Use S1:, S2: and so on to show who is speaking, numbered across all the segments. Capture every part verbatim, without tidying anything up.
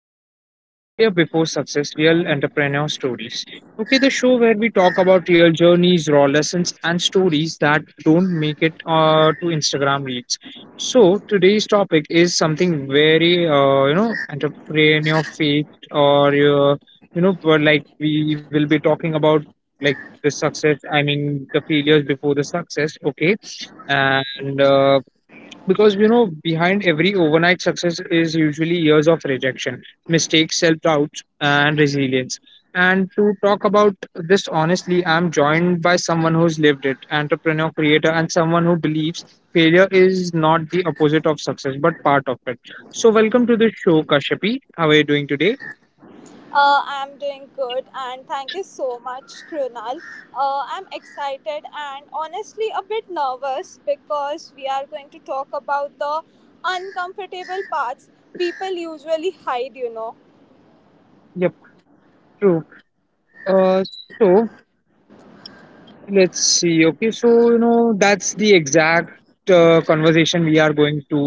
S1: which is Failure Before Success Real Entrepreneur Stories. Okay, the show where we talk about real journeys, raw lessons, and stories that don't make it uh, to Instagram reels. So, today's topic is something very, uh, you know, entrepreneur faith, or uh, you know, but like we will be talking about like the success, I mean, the failures before the success. Okay, and uh, because you know behind every overnight success is usually years of rejection, mistakes, self-doubt, and resilience. And to talk about this honestly, I'm joined by someone who's lived it, entrepreneur, creator, and someone who believes failure is not the opposite of success but part of it. So welcome to the show, Kashapi. How are you doing today?
S2: Uh, I'm doing good, and thank you so much, Krunal. Uh, I'm excited and honestly a bit nervous because we are going to talk about the uncomfortable parts people usually hide, you know.
S1: Yep. True. uh, so, let's see. Okay, so you know that's the exact uh, conversation we are going to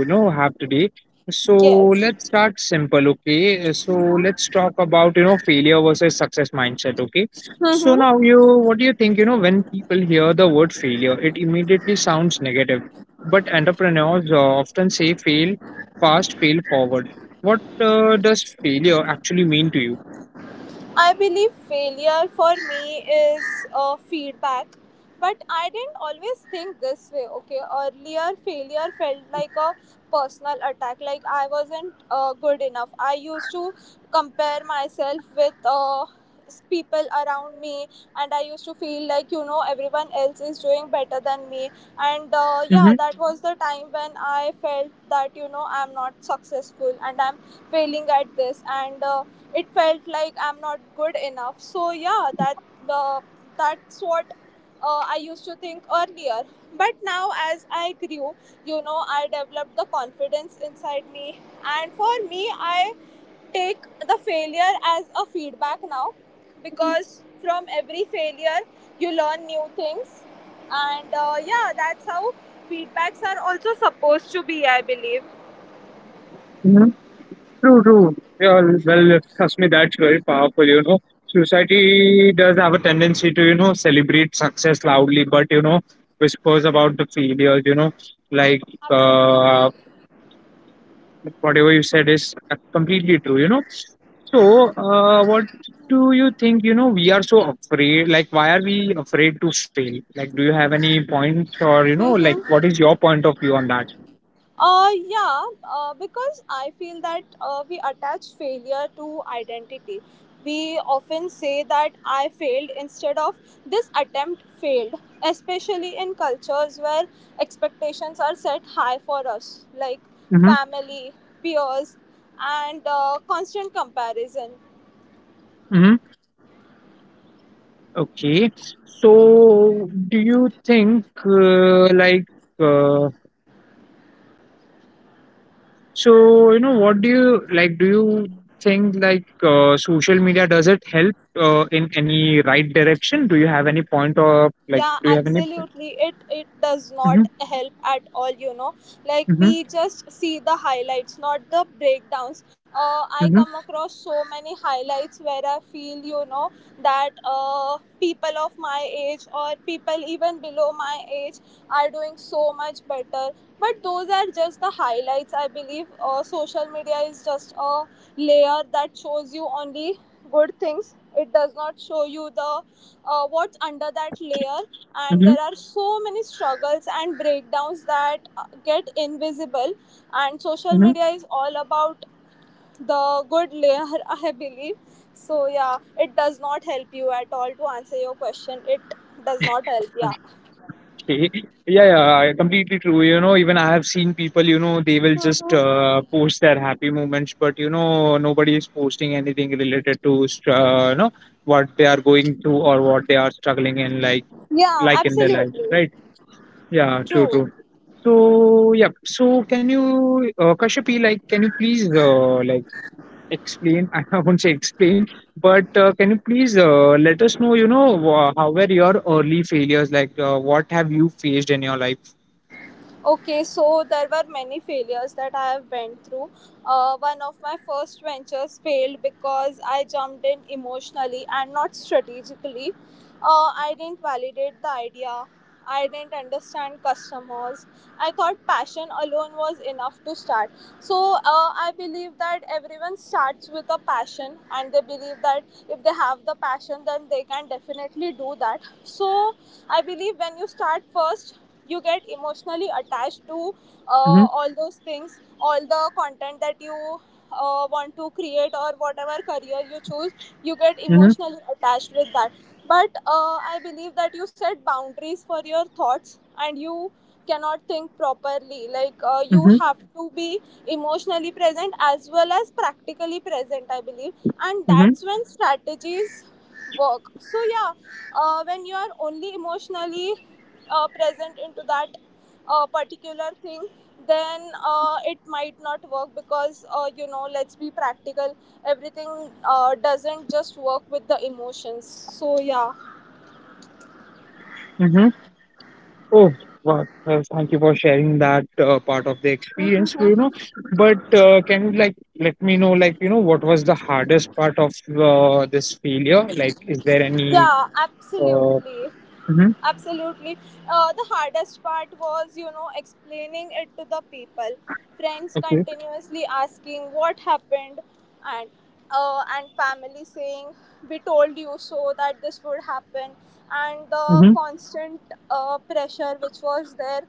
S1: you know have today. So
S2: Yes.
S1: let's start simple. Okay, so let's talk about you know failure versus success mindset. Okay, so now
S2: Mm-hmm.
S1: you, what do you think? You know when people hear the word failure, it immediately sounds negative. But entrepreneurs uh, often say fail fast, fail forward. What uh, does failure actually mean to you?
S2: I believe failure for me is uh, feedback, but I didn't always think this way. Okay, earlier failure felt like a personal attack, like I wasn't uh, good enough. I used to compare myself with uh, s- people around me, and I used to feel like you know everyone else is doing better than me. And uh,
S1: Mm-hmm.
S2: yeah, that was the time when I felt that you know I'm not successful and I'm failing at this and Uh, it felt like I'm not good enough. So yeah, that the that's what uh, I used to think earlier. But now, as I grew, you know, I developed the confidence inside me, and for me, I take the failure as a feedback now, because from every failure you learn new things, and uh, yeah, that's how feedbacks are also supposed to be, I believe.
S1: True, true. Yeah, well, trust me, that's very powerful, you know. Society does have a tendency to, you know, celebrate success loudly, but, you know, whispers about the failures, you know, like,
S2: Absolutely.
S1: uh, whatever you said is completely true, you know. So, uh, what do you think, you know, we are so afraid? Like, why are we afraid to fail? Like, do you have any points or, you know, like, what is your point of view on that?
S2: Uh, yeah, uh, because I feel that uh, we attach failure to identity. We often say that I failed instead of this attempt failed, especially in cultures where expectations are set high for us, like
S1: Mhm,
S2: family, peers, and uh, constant comparison.
S1: mhm. Okay. So do you think, uh, like, uh, so you know what do you like do you think, like, uh, social media, does it help uh, in any right direction? Do you have any point of, like,
S2: Yeah,
S1: do you have any...
S2: absolutely, it it does not
S1: Mhm,
S2: help at all you know Like,
S1: mhm,
S2: we just see the highlights, not the breakdowns. uh, I
S1: mhm,
S2: come across so many highlights where I feel you know that uh, people of my age or people even below my age are doing so much better, but those are just the highlights. I believe uh, social media is just a layer that shows you only good things. It does not show you the uh, what's under that layer, and
S1: mhm,
S2: there are so many struggles and breakdowns that uh, get invisible, and social
S1: mhm.
S2: media is all about the good layer, I believe. So yeah, it does not help you at all. To answer your question, it does not help. Yeah.
S1: Okay. Yeah, yeah, completely true. You know, even I have seen people, you know, they will just
S2: Mhm.
S1: uh, post their happy moments, but you know, nobody is posting anything related to, str- uh, you know, what they are going through or what they are struggling in, like,
S2: Yeah,
S1: like in their life,
S2: absolutely.
S1: right? Yeah, true,
S2: True.
S1: true. So, yeah. So, can you, uh, Kashyapi, like, can you please, uh, like, explain? I won't say explain, but uh, can you please uh, let us know, you know, wha- how were your early failures? Like, uh, what have you faced in your life?
S2: Okay, so there were many failures that I have went through. Uh, one of my first ventures failed because I jumped in emotionally and not strategically. Uh, I didn't validate the idea. I didn't understand customers. I thought passion alone was enough to start. So uh, I believe that everyone starts with a passion, and they believe that if they have the passion, then they can definitely do that. So I believe when you start first, you get emotionally attached to uh,
S1: Mhm,
S2: all those things, all the content that you uh, want to create or whatever career you choose. You get
S1: mhm,
S2: emotionally attached with that. But uh, I believe that you set boundaries for your thoughts and you cannot think properly. Like, uh, you
S1: mhm,
S2: have to be emotionally present as well as practically present, I believe, and
S1: mhm,
S2: that's when strategies work. So yeah, uh, when you are only emotionally uh, present into that uh, particular thing, then uh, it might not work because uh, you know let's be practical. Everything uh, doesn't just work with the emotions. So yeah.
S1: mhm. Oh, wow. Well, thank you for sharing that uh, part of the experience, you know. But uh, can you like let me know, like, you know, what was the hardest part of uh, this failure? Like, is there any?
S2: Yeah,
S1: Uh,
S2: absolutely.
S1: mhm,
S2: Absolutely. Uh, the hardest part was, you know, explaining it to the people. Friends
S1: okay.
S2: continuously asking what happened, and uh, and family saying we told you so that this would happen, and the
S1: Mm-hmm,
S2: constant uh, pressure which was there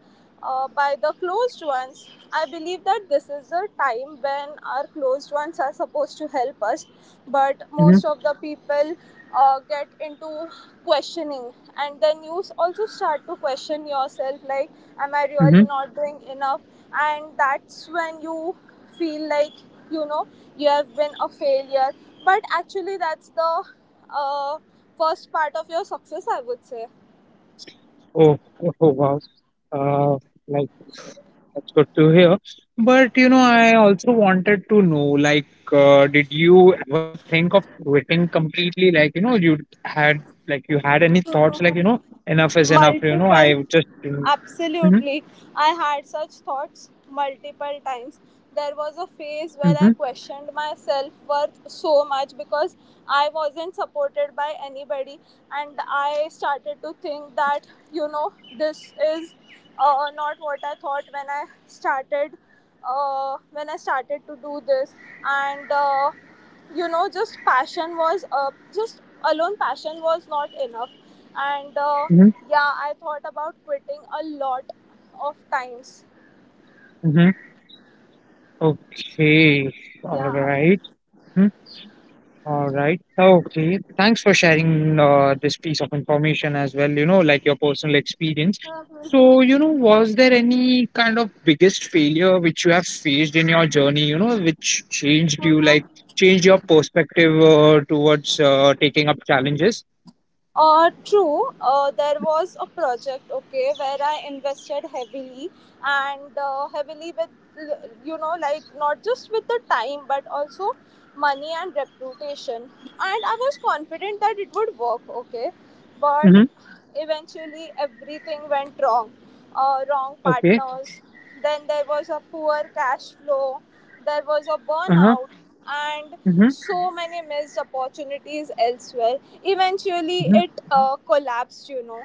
S2: uh, by the closed ones. I believe that this is the time when our closed ones are supposed to help us, but
S1: mm-hmm,
S2: most of the people uh, get into questioning, and then you also start to question yourself like, Am I really
S1: mm-hmm.
S2: not doing enough? And that's when you feel like you know you have been a failure, but actually, that's the uh, first part of your success, I would say.
S1: Oh, oh, wow. Uh, like. That's good to hear. But you know, I also wanted to know, like, uh, did you ever think of quitting completely? Like, you know, you had, like you had any thoughts like, you know, enough is enough. You know,
S2: Multiple.
S1: I just. Mm-hmm,
S2: Absolutely, I had such thoughts multiple times. There was a phase where I
S1: mm-hmm,
S2: questioned my self worth so much because I wasn't supported by anybody, and I started to think that you know this is uh, not what I thought when I started, uh, when i started to do this, and uh, you know just passion was uh, just alone passion was not enough, and uh,
S1: mm-hmm,
S2: yeah, I thought about quitting a lot of times.
S1: mm-hmm. Okay, all
S2: Yeah.
S1: right. All right. Okay. Thanks for sharing uh, this piece of information as well, you know, like your personal experience. So, you know,
S2: Mhm.
S1: was there any kind of biggest failure which you have faced in your journey, you know, which changed you, like changed your perspective uh, towards uh, taking up challenges?
S2: uh, true. uh, there was a project, okay, where I invested heavily, and uh, heavily with, you know like, not just with the time but also money and reputation, and I was confident that it would work, okay, but
S1: Mm-hmm.
S2: eventually, everything went wrong. Uh, wrong
S1: Okay.
S2: partners. Then there was a poor cash flow. There was a
S1: Uh-huh.
S2: burnout and
S1: Mm-hmm.
S2: so many missed opportunities elsewhere. Eventually,
S1: Mm-hmm.
S2: it uh, collapsed, you know.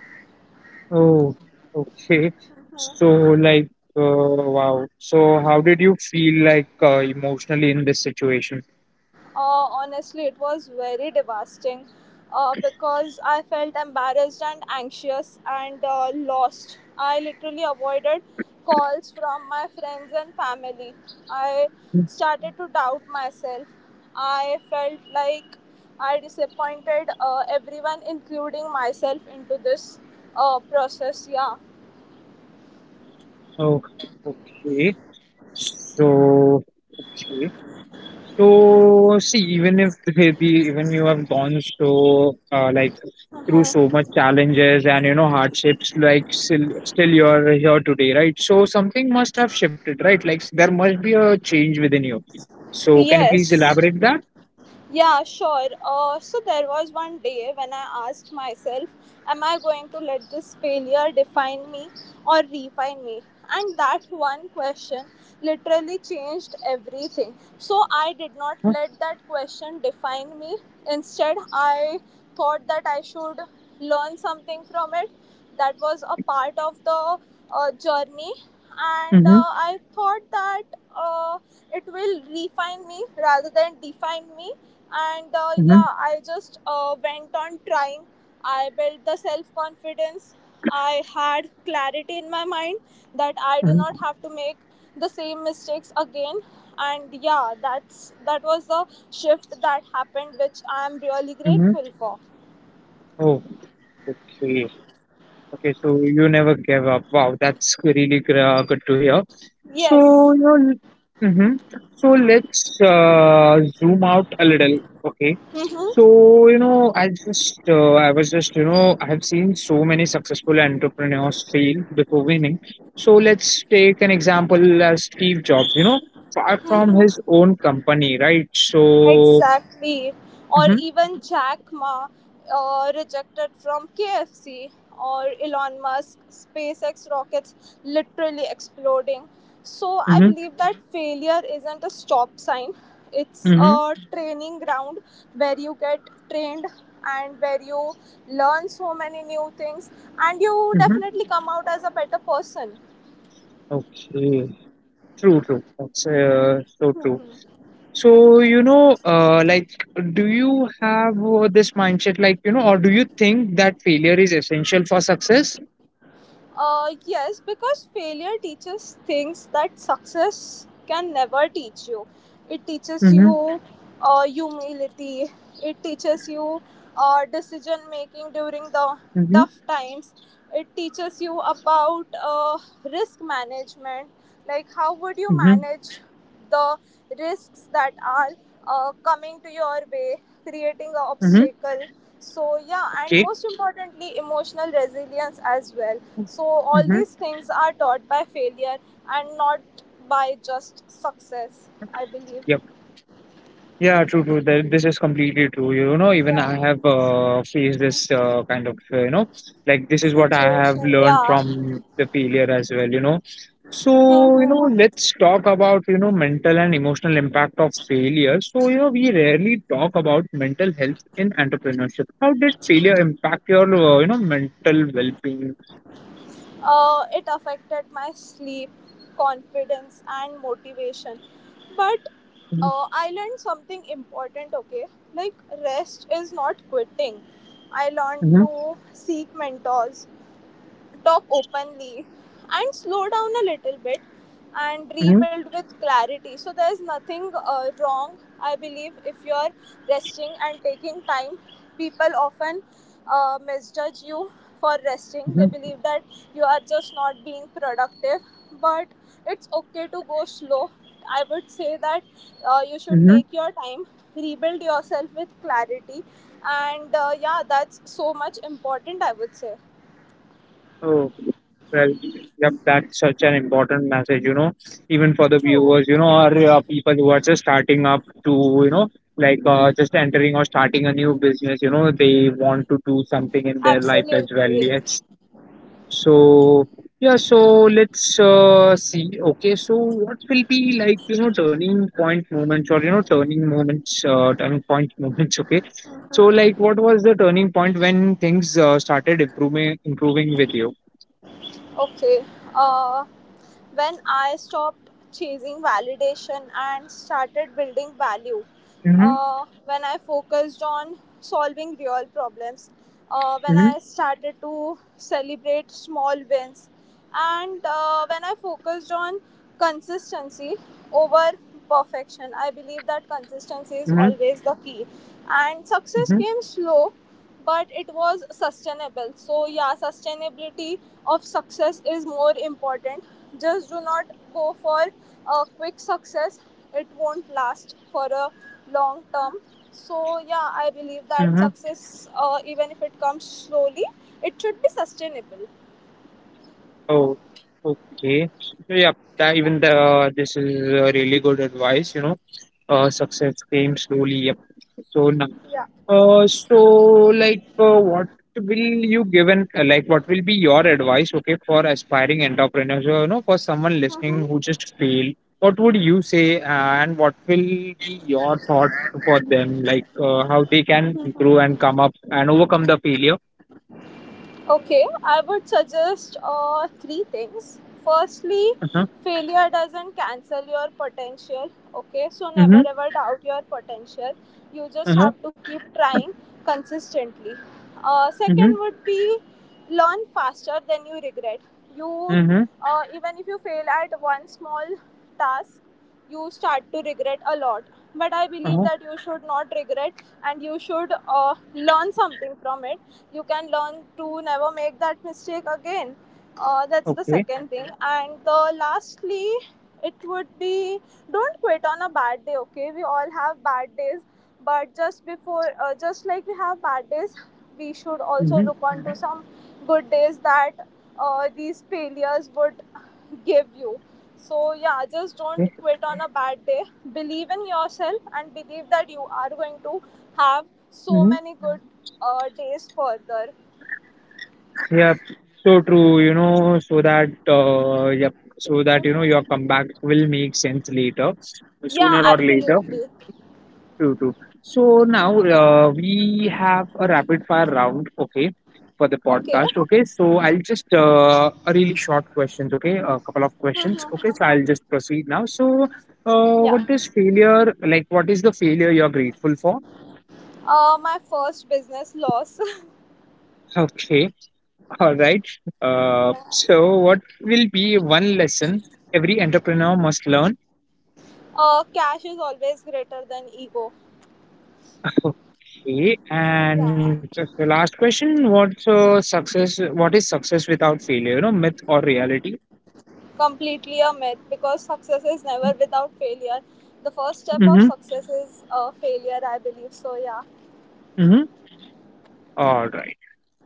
S1: Oh, okay. So, like, uh, wow. So, how did you feel, like, uh, emotionally in this situation?
S2: Uh, honestly, it was very devastating uh, because I felt embarrassed and anxious and uh, lost. I literally avoided calls from my friends and family. I started to doubt myself. I felt like I disappointed uh, everyone, including myself, into this uh, process. Yeah.
S1: Oh, okay. So, okay. So, see, even if the even you have gone so uh, like, through so much challenges and you know hardships, like, still still you're here today, right? So something must have shifted, right? Like, there must be a change within you. So, can you please
S2: Yes.
S1: elaborate that?
S2: Yeah, sure. Uh, so there was one day when I asked myself, Am I going to let this failure define me or refine me? And that one question literally changed everything. So I did not
S1: Huh?
S2: let that question define me. Instead, I thought that I should learn something from it. That was a part of the uh, journey, and
S1: Mm-hmm.
S2: uh, I thought that uh, it will refine me rather than define me. And uh,
S1: Mm-hmm.
S2: yeah, I just uh, went on trying. I built the self confidence. I had clarity in my mind that I do not
S1: Mm-hmm.
S2: have to make the same mistakes again, and yeah, that's that was the shift that happened, which I am really
S1: Mm-hmm.
S2: grateful for.
S1: Oh, okay. Okay, so you never gave up. Wow, that's really gr- uh, good to hear. So,
S2: Yes.
S1: you know, mm-hmm. So let's uh, zoom out a little. Okay.
S2: Hmm.
S1: So, you know, I just, uh, I was just, you know, I have seen so many successful entrepreneurs fail before winning. So let's take an example as Steve Jobs, you know, far from his own company, right? So,
S2: Exactly. Or
S1: mm-hmm,
S2: even Jack Ma uh, rejected from K F C, or Elon Musk, SpaceX rockets literally exploding. So I
S1: mm-hmm,
S2: believe that failure isn't a stop sign, it's
S1: mm-hmm,
S2: a training ground where you get trained and where you learn so many new things, and you
S1: mm-hmm.
S2: definitely come out as a better person.
S1: Okay. True, true. That's uh, so true. So, you know, uh, like, do you have uh, this mindset, like, you know, or do you think that failure is essential for success?
S2: Uh, yes, because failure teaches things that success can never teach you. It teaches
S1: Mm-hmm,
S2: you uh, humility. It teaches you uh, decision making during the
S1: mm-hmm,
S2: tough times. It teaches you about uh, risk management, like how would you
S1: mm-hmm,
S2: manage the risks that are uh, coming to your way, creating an
S1: mm-hmm.
S2: obstacle. So, yeah, and
S1: Okay.
S2: most importantly, emotional resilience as well. So, all
S1: Mm-hmm.
S2: these things are taught by failure and not by just success, I believe.
S1: Yeah, true, true. That this is completely true. You know, even
S2: Yeah,
S1: I have uh, faced this uh, kind of, uh, you know, like, this is what I have
S2: situation,
S1: learned
S2: yeah.
S1: from the failure as well, you know. So, you
S2: Hmm.
S1: know, let's talk about, you know, mental and emotional impact of failure. So, you know, we rarely talk about mental health in entrepreneurship. How did failure impact your, uh, you know, mental well-being?
S2: uh, it affected my sleep, confidence, and motivation. But
S1: Mm-hmm,
S2: uh, I learned something important, okay? Like, rest is not quitting. I learned to seek mentors, talk openly and slow down a little bit and
S1: mm-hmm,
S2: rebuild with clarity. So there's nothing uh, wrong, I believe, if you're resting and taking time. People often uh, misjudge you for resting. They believe that you are just not being productive, but it's okay to go slow. I would say that uh, you should
S1: mm-hmm.
S2: take your time, rebuild yourself with clarity, and uh, yeah, that's so much important, I would say.
S1: Oh, well, yep, that's such an important message, you know, even for the
S2: True.
S1: viewers, you know, or uh, people who are just starting up to, you know, like, uh, just entering or starting a new business, you know, they want to do something in their life as well.
S2: Absolutely.
S1: Yes. So, yeah, so let's uh, see. Okay, so what will be, like, you know, turning point moments or, you know, turning moments, uh, turning point moments, okay? So, like, what was the turning point when things uh, started improving, improving with you?
S2: Okay. Uh, when I stopped chasing validation and started building value, uh, when I focused on solving real problems, uh, when
S1: Mhm,
S2: I started to celebrate small wins, and uh, when I focused on consistency over perfection, I believe that consistency is
S1: mhm,
S2: always the key. And success
S1: mhm,
S2: came slow, but it was sustainable. So yeah, sustainability of success is more important. Just do not go for a quick success. It won't last for a long term. So yeah, I believe that
S1: mhm.
S2: success, uh, even if it comes slowly, it should be sustainable.
S1: Oh, okay. So yeah, that
S2: Yeah.
S1: even the uh, this is uh, really good advice, you know. Uh, success came slowly. Yep. So now, uh, so, like, uh, what will you given? Uh, like, what will be your advice? Okay, for aspiring entrepreneurs, or, you know, for someone listening who
S2: Mhm.
S1: just failed, what would you say, and what will be your thought for them? Like, uh, how they can improve and come up and overcome the failure.
S2: Okay, I would suggest uh, three things. Firstly,
S1: Uh huh.
S2: failure doesn't cancel your potential. Okay, so never
S1: Mm-hmm.
S2: ever doubt your potential. You
S1: Uh
S2: just
S1: huh.
S2: have to keep trying consistently. Uh, second
S1: Mhm,
S2: would be, learn faster than you regret. You
S1: mhm,
S2: uh, even if you fail at one small task, you start to regret a lot. But I believe
S1: uh-huh,
S2: that you should not regret, and you should uh, learn something from it. You can learn to never make that mistake again. uh, that's the
S1: okay,
S2: second thing, and the lastly, it would be, don't quit on a bad day. Okay, we all have bad days, but just before uh, just like we have bad days, we should also
S1: mhm,
S2: look on to some good days that uh, these failures would give you. So yeah, just don't
S1: yes,
S2: quit on a bad day. Believe in yourself and believe that you are going to have so
S1: mhm.
S2: many good uh, days further.
S1: Yep, so true, you know, so that, uh, yep, so that, you know, your
S2: Mhm.
S1: comeback will make sense later,
S2: Yeah,
S1: sooner or later.
S2: absolutely.
S1: True, true. So now, uh, we have a rapid fire round, okay, for the
S2: Okay.
S1: podcast, okay. So I'll just, uh, a really short questions, okay, a couple of questions, okay. So I'll just proceed now. So, uh,
S2: Yeah.
S1: what is failure, like, what is the failure you're grateful for?
S2: Uh, my first business loss.
S1: Okay. All right. Uh,
S2: Yeah.
S1: so, what will be one lesson every entrepreneur must learn?
S2: Uh, cash is always greater than ego.
S1: Okay. And
S2: Yeah.
S1: just the last question: What's uh, success? What is success without failure? You know, myth or reality?
S2: Completely a myth, because success is never without failure. The first step of
S1: Mm-hmm.
S2: success is uh, failure, I believe. So yeah.
S1: Mm-hmm. All right.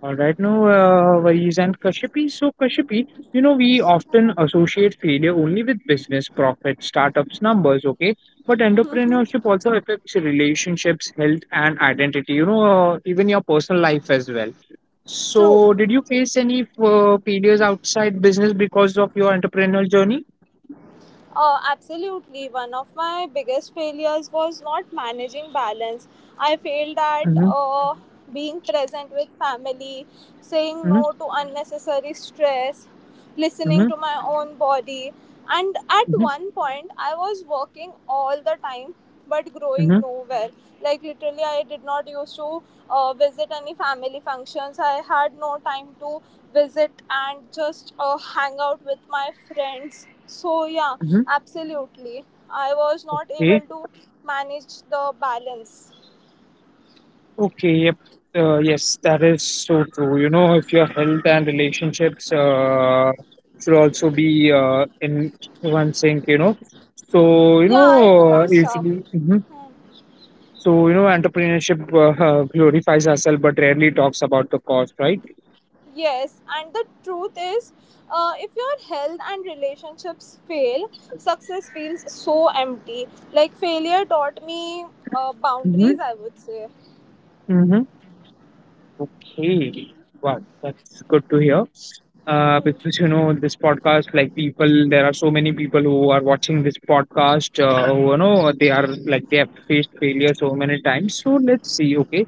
S1: Uh, right now, uh, Varis and Kashyapi. So, Kashyapi, you know, we often associate failure only with business, profit, startups, numbers, okay? But entrepreneurship also affects relationships, health, and identity, you know, uh, even your personal life as well.
S2: True.
S1: So, did you face any uh, failures outside business because of your entrepreneurial journey?
S2: Uh, absolutely. One of my biggest failures was not managing balance. I failed at
S1: Mm-hmm,
S2: uh, being present with family, saying
S1: mm-hmm,
S2: no to unnecessary stress, listening
S1: mm-hmm,
S2: to my own body. And at one point, I was working all the time but growing
S1: mm-hmm,
S2: nowhere. Like literally, I did not used to uh, visit any family functions. I had no time to visit and just uh, hang out with my friends. So yeah, absolutely, I was not able
S1: mm-hmm.
S2: to manage the balance.
S1: Okay, yep. Uh, yes, that is so true. You know, if your health and relationships uh, should also be uh, in one sync, you know. So, you
S2: Yeah, it
S1: know,
S2: becomes tough.
S1: usually, hmm so, you know, entrepreneurship uh, glorifies ourselves but rarely talks about the cost, right?
S2: Yes, and the truth is, uh, if your health and relationships fail, success feels so empty. Like failure taught me uh,
S1: Mm-hmm.
S2: boundaries, I would say.
S1: Mm-hmm. Okay. Wow, that's good to hear. Uh, because you know this podcast, like people, there are so many people who are watching this podcast. Uh, who, you know, they are like they have faced failure so many times. So let's see. Okay.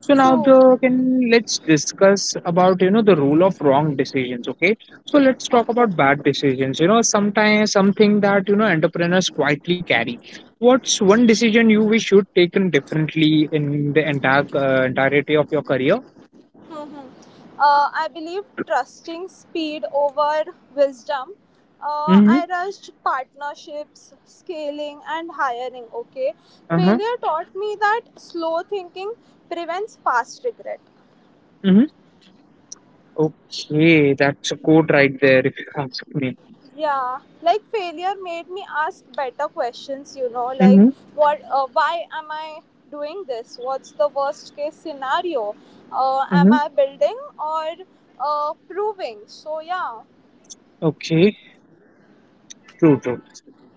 S1: So now
S2: True.
S1: the can let's discuss about you know the rule of wrong decisions. Okay. So let's talk
S2: Okay.
S1: about bad decisions. You know, sometimes something that you know entrepreneurs quietly carry. What's one decision you wish you'd taken differently in the entire uh, entirety of your career?
S2: Mhm. uh, I believe trusting speed over wisdom. Uh,
S1: Mhm.
S2: I rushed partnerships, scaling, and hiring. Okay.
S1: Uh-huh.
S2: Failure taught me that slow thinking prevents fast regret.
S1: Mhm. Okay, that's a code right there, if you ask me.
S2: Yeah, like failure made me ask better questions, you know, like
S1: Mhm.
S2: what, uh, why am I doing this? What's the worst case scenario? Uh, am
S1: Mhm.
S2: I building or uh, proving? So, yeah.
S1: Okay. True. True.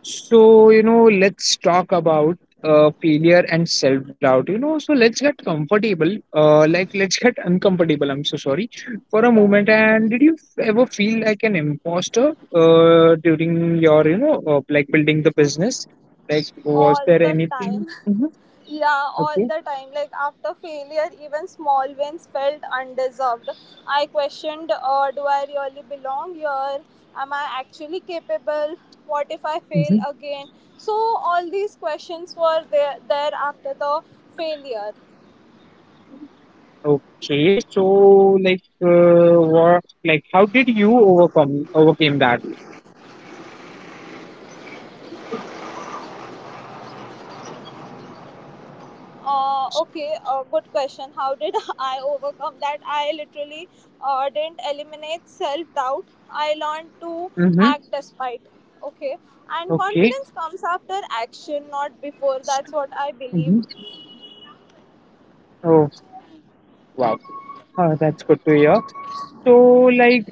S1: So, you know, let's talk about uh failure and self doubt. You know, so let's get comfortable. Uh, like, let's get uncomfortable. I'm so sorry for a
S2: yeah yeah
S1: moment. And did you ever feel like an imposter? Uh, during your you know, uh, like, building the business. Like, was
S2: all
S1: there
S2: the
S1: anything?
S2: time.
S1: Mm-hmm.
S2: Yeah, all
S1: Okay.
S2: the time. Like after failure, even small wins felt undeserved. I questioned, uh, do I really belong here? Am I actually capable? What if I fail
S1: Mm-hmm.
S2: again? So all these questions were there, there after the failure.
S1: Okay, so like uh, what like how did you overcome overcame that?
S2: Uh, okay, uh, good question. How did I overcome that? I literally uh, didn't eliminate self doubt. I learned to
S1: Mm-hmm.
S2: act despite. Okay, and
S1: Okay.
S2: confidence comes after action, not before. That's what I believe.
S1: Mm-hmm. Oh wow, Uh, that's good to hear. So like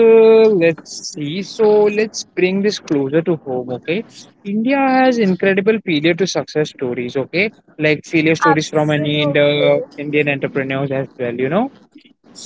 S1: uh, let's see. So let's bring this closer to home. Okay, India has incredible failure to success stories. Okay, like failure stories from any Indo-
S2: Absolutely.
S1: Indian entrepreneurs as well. You know.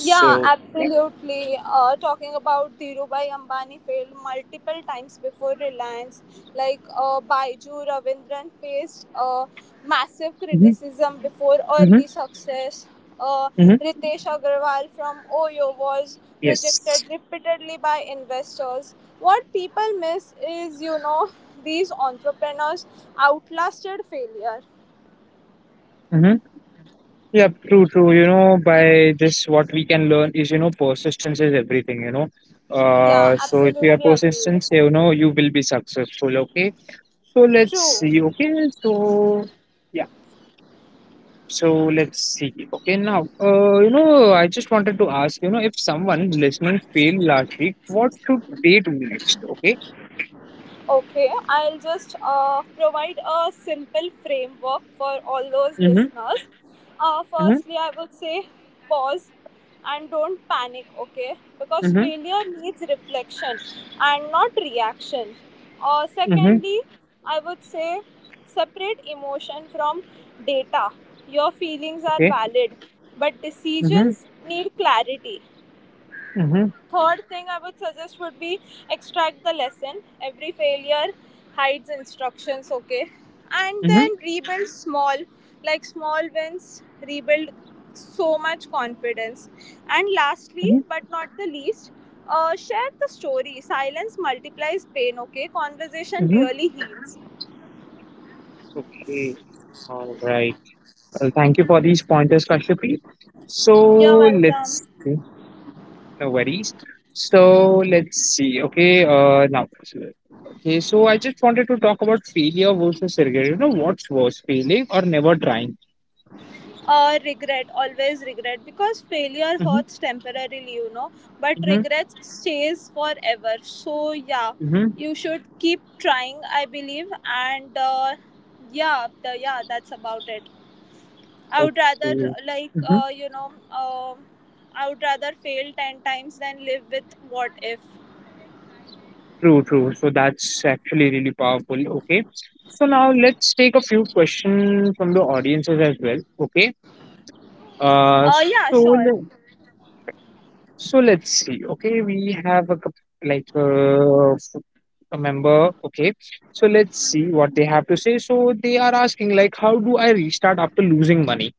S2: Yeah,
S1: yeah.
S2: absolutely. Uh, talking about Dhirubhai Ambani failed multiple times before Reliance. Like uh, Baiju Ravindran faced uh, massive
S1: Mm-hmm.
S2: criticism before
S1: Mm-hmm.
S2: early success. Uh,
S1: Mm-hmm.
S2: Ritesh Agarwal from Oyo was
S1: Yes.
S2: rejected repeatedly by investors. What people miss is, you know, these entrepreneurs outlasted failure.
S1: Yeah, true, true. You know, by this, what we can learn is, you know, persistence is everything, you know.
S2: Yeah,
S1: Uh, so if you are
S2: absolutely agreed.
S1: persistent, you know, you will be successful. Okay. So let's
S2: True.
S1: see. Okay. So, yeah. So let's see. Okay. Now, uh, you know, I just wanted to ask, you know, if someone listening failed last week, what should they do next? Okay.
S2: Okay, I'll just uh, provide a simple framework for all those
S1: Mm-hmm.
S2: listeners. Uh,
S1: Mm-hmm.
S2: firstly, I would say pause and don't panic, okay? Because
S1: Mm-hmm.
S2: failure needs reflection and not reaction. Uh,
S1: Mm-hmm.
S2: secondly, I would say separate emotion from data. Your feelings are
S1: Okay.
S2: valid, but
S1: Mm-hmm.
S2: decisions need clarity.
S1: Mm-hmm.
S2: Third thing I would suggest would be extract the lesson. Every failure hides instructions, okay? And
S1: Mm-hmm.
S2: then rebuild small, like small wins, rebuild so much confidence. And lastly,
S1: Mm-hmm.
S2: but not the least, uh, share the story. Silence multiplies pain, okay? Conversation
S1: Mm-hmm.
S2: really heals.
S1: Okay. All right. Well, thank you for these pointers, Kashyapi.
S2: You're
S1: So let's
S2: welcome.
S1: see. No worries. So let's see. Okay, uh, now. Okay, so I just wanted to talk about failure versus regret. You know, what's worse, failing or never trying?
S2: Uh, regret, always regret, because failure
S1: Mm-hmm,
S2: hurts temporarily, you know, but
S1: mm-hmm,
S2: regrets stays forever. So yeah,
S1: mm-hmm.
S2: you should keep trying, I believe. And uh, yeah the, yeah, that's about it. I would rather
S1: Okay.
S2: like
S1: Mm-hmm.
S2: uh, you know um I would rather fail ten times than live with what if.
S1: True, true. So that's actually really powerful. Okay. So now let's take a few questions from the audiences as well. Okay. Uh,
S2: Uh yeah,
S1: so
S2: sure.
S1: So let's see. Okay, we have a coup- like uh, f- a member. Okay, so let's see what they have to say. So they are asking, like, how do I restart after losing money?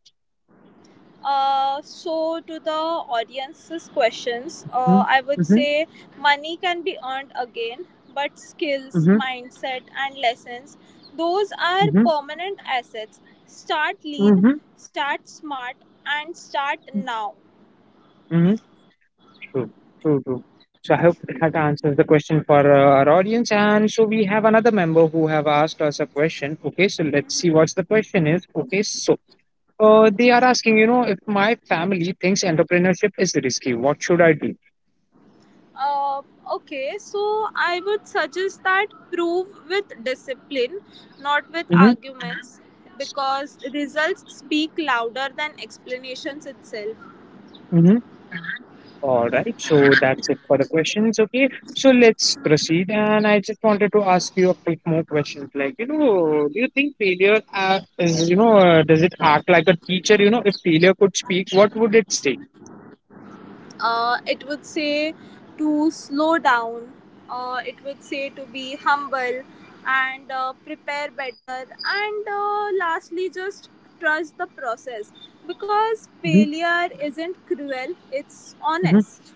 S2: Uh, so to the audience's questions, uh,
S1: Hmm.
S2: I would say money can be earned again, but skills,
S1: Mm-hmm,
S2: mindset, and lessons, those are
S1: mm-hmm,
S2: permanent assets. Start lean,
S1: mm-hmm,
S2: start smart, and start now.
S1: mm-hmm, mm-hmm. True, true, true. So I hope that answers the question for uh, our audience. And so we have another member who have asked us a question. Okay, so let's see
S2: Mhm.
S1: what's the question is. Okay, so uh, they are asking, you know, if my family thinks entrepreneurship is risky, what should I do?
S2: Uh, okay, so I would suggest that prove with discipline, not with
S1: Mm-hmm.
S2: arguments, because results speak louder than explanations itself.
S1: Mm-hmm. All right, so that's it for the questions. Okay, so let's proceed. And I just wanted to ask you a bit more questions. Like, you know, do you think failure uh, is, you know, uh, does it act like a teacher? You know, if failure could speak, what would it say?
S2: Uh, it would say to slow down. Uh, it would say to be humble and uh, prepare better, and uh, lastly, just trust the process, because
S1: Mm-hmm.
S2: failure isn't cruel, it's
S1: Mm-hmm.
S2: honest.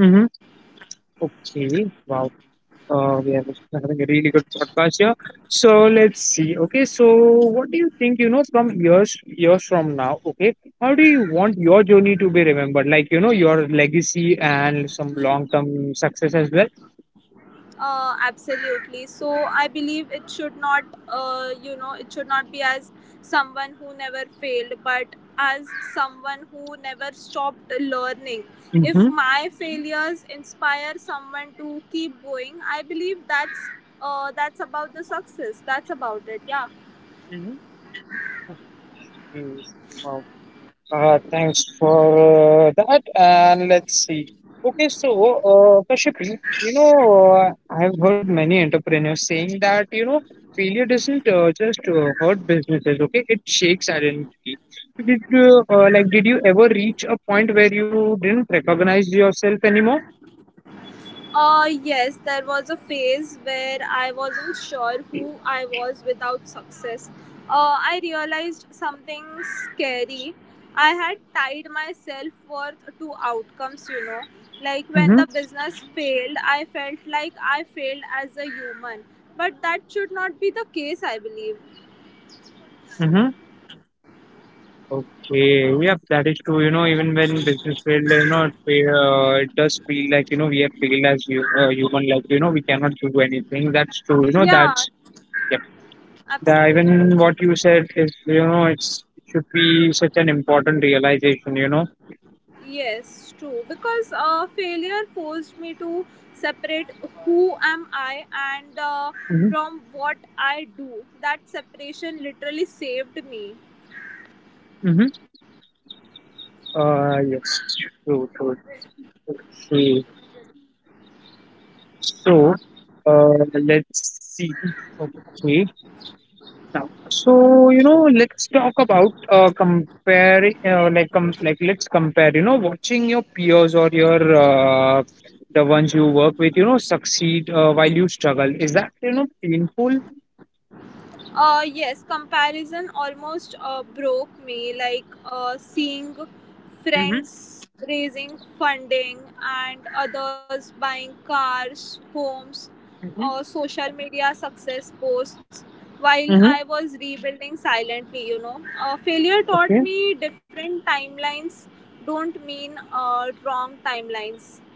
S1: Mm-hmm. Okay, wow. Uh, we are having a really good podcast here. So let's see. Okay, so what do you think? You know, from years years from now, okay, how do you want your journey to be remembered? Like, you know, your legacy and some long term success as well.
S2: uh, Absolutely. So I believe it should not uh, you know it should not be as someone who never failed, but as someone who never stopped learning. If
S1: Mm-hmm.
S2: my failures inspire someone to keep going, I believe that's uh, that's about the success. That's about it, yeah.
S1: Hmm. Uh, thanks for uh, that. And let's see. Okay, so uh, Kashif, you know, uh, I've heard many entrepreneurs saying that you know failure doesn't uh, just uh, hurt businesses. Okay, it shakes identity. Did you, uh, like did you ever reach a point where you didn't recognize yourself anymore?
S2: Uh, yes, there was a phase where I wasn't sure who I was without success. Uh, I realized something scary. I had tied my self worth to outcomes, you know. Like when the business failed, I felt like I failed as a human. But that should not be the case, I believe.
S1: Mm-hmm. Okay, yep, that is true. You know, even when business failed, you know, it, fe- uh, it does feel like, you know, we have failed as you, uh, human, like, you know, we cannot do anything. That's true. You know,
S2: Yeah,
S1: that's, yep. The, even what
S2: absolutely.
S1: you said is, you know, it's, it should be such an important realization, you know.
S2: Yes, true. Because uh, failure forced me to separate who am I and uh,
S1: Hmm.
S2: from what I do. That separation literally saved me.
S1: Hmm. Uh, yes, true, true. Okay, so, uh, let's see. Okay. Now. So, you know, let's talk about uh, comparing, uh, like, com- like, let's compare, you know, watching your peers or your uh, the ones you work with, you know, succeed uh, while you struggle. Is that, you know, painful?
S2: Uh, yes, comparison almost uh, broke me. Like uh, seeing
S1: Mm-hmm.
S2: friends raising funding and others buying cars, homes,
S1: Mm-hmm.
S2: uh, social media success posts, while
S1: Mm-hmm.
S2: I was rebuilding silently, you know. Uh, failure
S1: Okay.
S2: taught me different timelines don't mean uh, wrong timelines.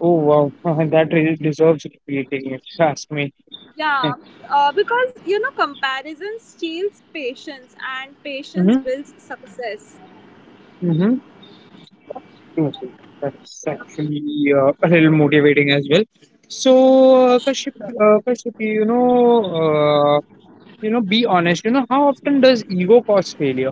S1: Oh, wow. That really deserves repeating, if you ask me.
S2: Yeah, uh, because you know, comparison steals patience, and patience
S1: Mm-hmm.
S2: builds success.
S1: Mm-hmm. Okay. That's actually uh, a little motivating as well. So, uh, Kashyap, uh, Kashyap, you know, uh, you know, be honest. You know, how often does ego cause failure?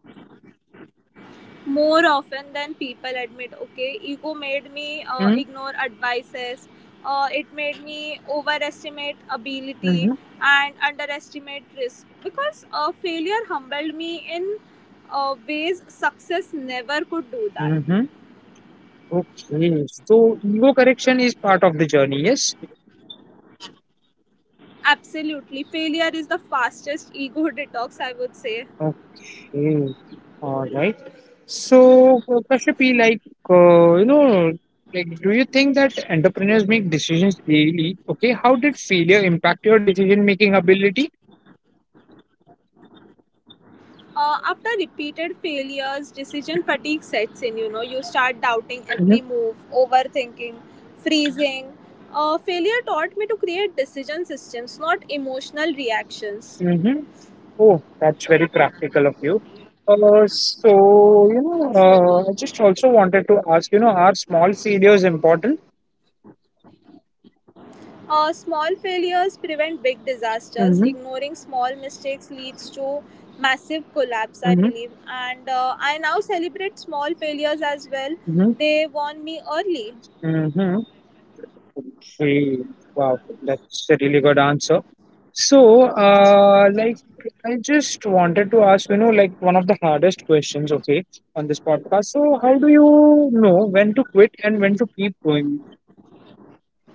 S2: More often than people admit. Okay, ego made me uh, ignore advices.
S1: Hmm.
S2: Uh, it made me overestimate ability and
S1: Hmm.
S2: underestimate risk, because uh, failure humbled me in uh, ways success never could do that.
S1: Hmm. Okay. So ego correction is part of the journey. Yes.
S2: Absolutely, failure is the fastest ego detox, I would say.
S1: Okay. All right. So, uh, Kashyapi, like, uh, you know, like, do you think that entrepreneurs make decisions daily? Okay, how did failure impact your decision-making ability?
S2: Uh, after repeated failures, decision fatigue sets in, you know. You start doubting every move,
S1: Mm-hmm.
S2: overthinking, freezing. Uh, failure taught me to create decision systems, not emotional reactions.
S1: Mm-hmm. Oh, that's very practical of you. Uh,
S2: True.
S1: so, you know, uh, I just also wanted to ask, you know, are small failures important?
S2: Uh, small failures prevent big disasters. Ignoring small
S1: Mhm,
S2: mistakes leads to massive collapse, I believe,
S1: mhm,
S2: and uh, I now celebrate small failures as well. They
S1: mhm,
S2: warn me early.
S1: mhm. Okay. Wow, that's a really good answer. So, uh, like, I just wanted to ask, you know, like one of the hardest questions, okay, on this podcast. So, how do you know when to quit and when to keep going?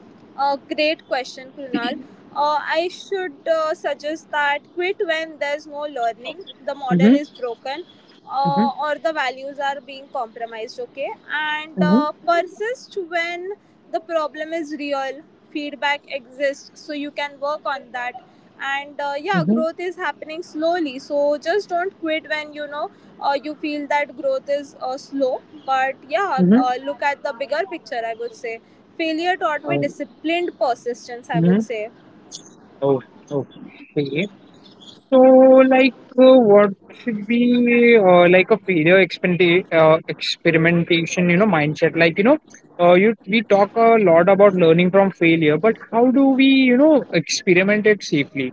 S2: Uh, great question, Krunal. Uh, I should uh, suggest that quit when there's no learning, the model
S1: Mm-hmm,
S2: is broken, uh,
S1: mm-hmm,
S2: or the values are being compromised, okay? And
S1: mm-hmm,
S2: uh, persist when the problem is real, feedback exists, so you can work on that, and uh, yeah,
S1: mm-hmm,
S2: growth is happening slowly. So just don't quit when you know uh, you feel that growth is uh, slow, but yeah,
S1: mm-hmm.
S2: uh, look at the bigger picture, I would say. Failure taught me
S1: Oh,
S2: disciplined persistence, I
S1: mm-hmm.
S2: would say.
S1: Oh, okay. So, like, uh, what should be uh, like a failure experimenta- uh, experimentation, you know, mindset? Like, you know, uh, you we talk a lot about learning from failure, but how do we, you know, experiment it safely?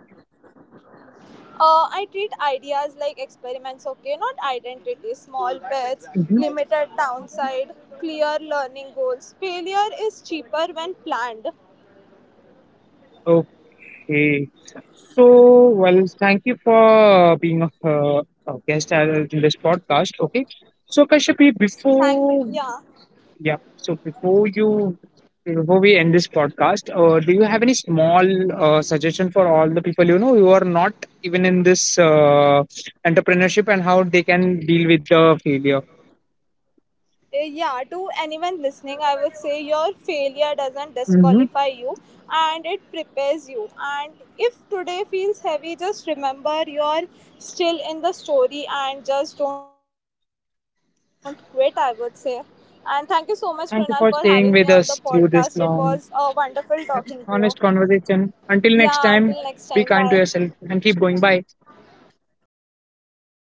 S2: uh, I treat ideas like experiments. Okay, not identity. Small bets,
S1: Mhm.
S2: limited downside, clear learning goals. Failure is cheaper when planned.
S1: Okay. So, well, thank you for being a, uh, a guest uh, in this podcast. Okay. So, Kashyapi,
S2: Thanks,
S1: before
S2: yeah.
S1: Yeah. So before you, before we end this podcast, uh, do you have any small uh, suggestion for all the people you know who are not even in this uh, entrepreneurship and how they can deal with the failure?
S2: Uh, yeah, to anyone listening, I would say your failure doesn't
S1: Hmm.
S2: disqualify you, and it prepares you. And if today feels heavy, just remember you're still in the story, and just don't quit, I would say. And thank you so much, Krunal, for having me on the
S1: Thank you
S2: podcast.
S1: for
S2: It
S1: staying
S2: was
S1: with
S2: uh,
S1: us through
S2: wonderful
S1: this
S2: talking to
S1: long,
S2: you.
S1: honest
S2: Yeah, until next
S1: conversation.
S2: time.
S1: Until
S2: Bye.
S1: next time, be kind to yourself and keep going. Bye.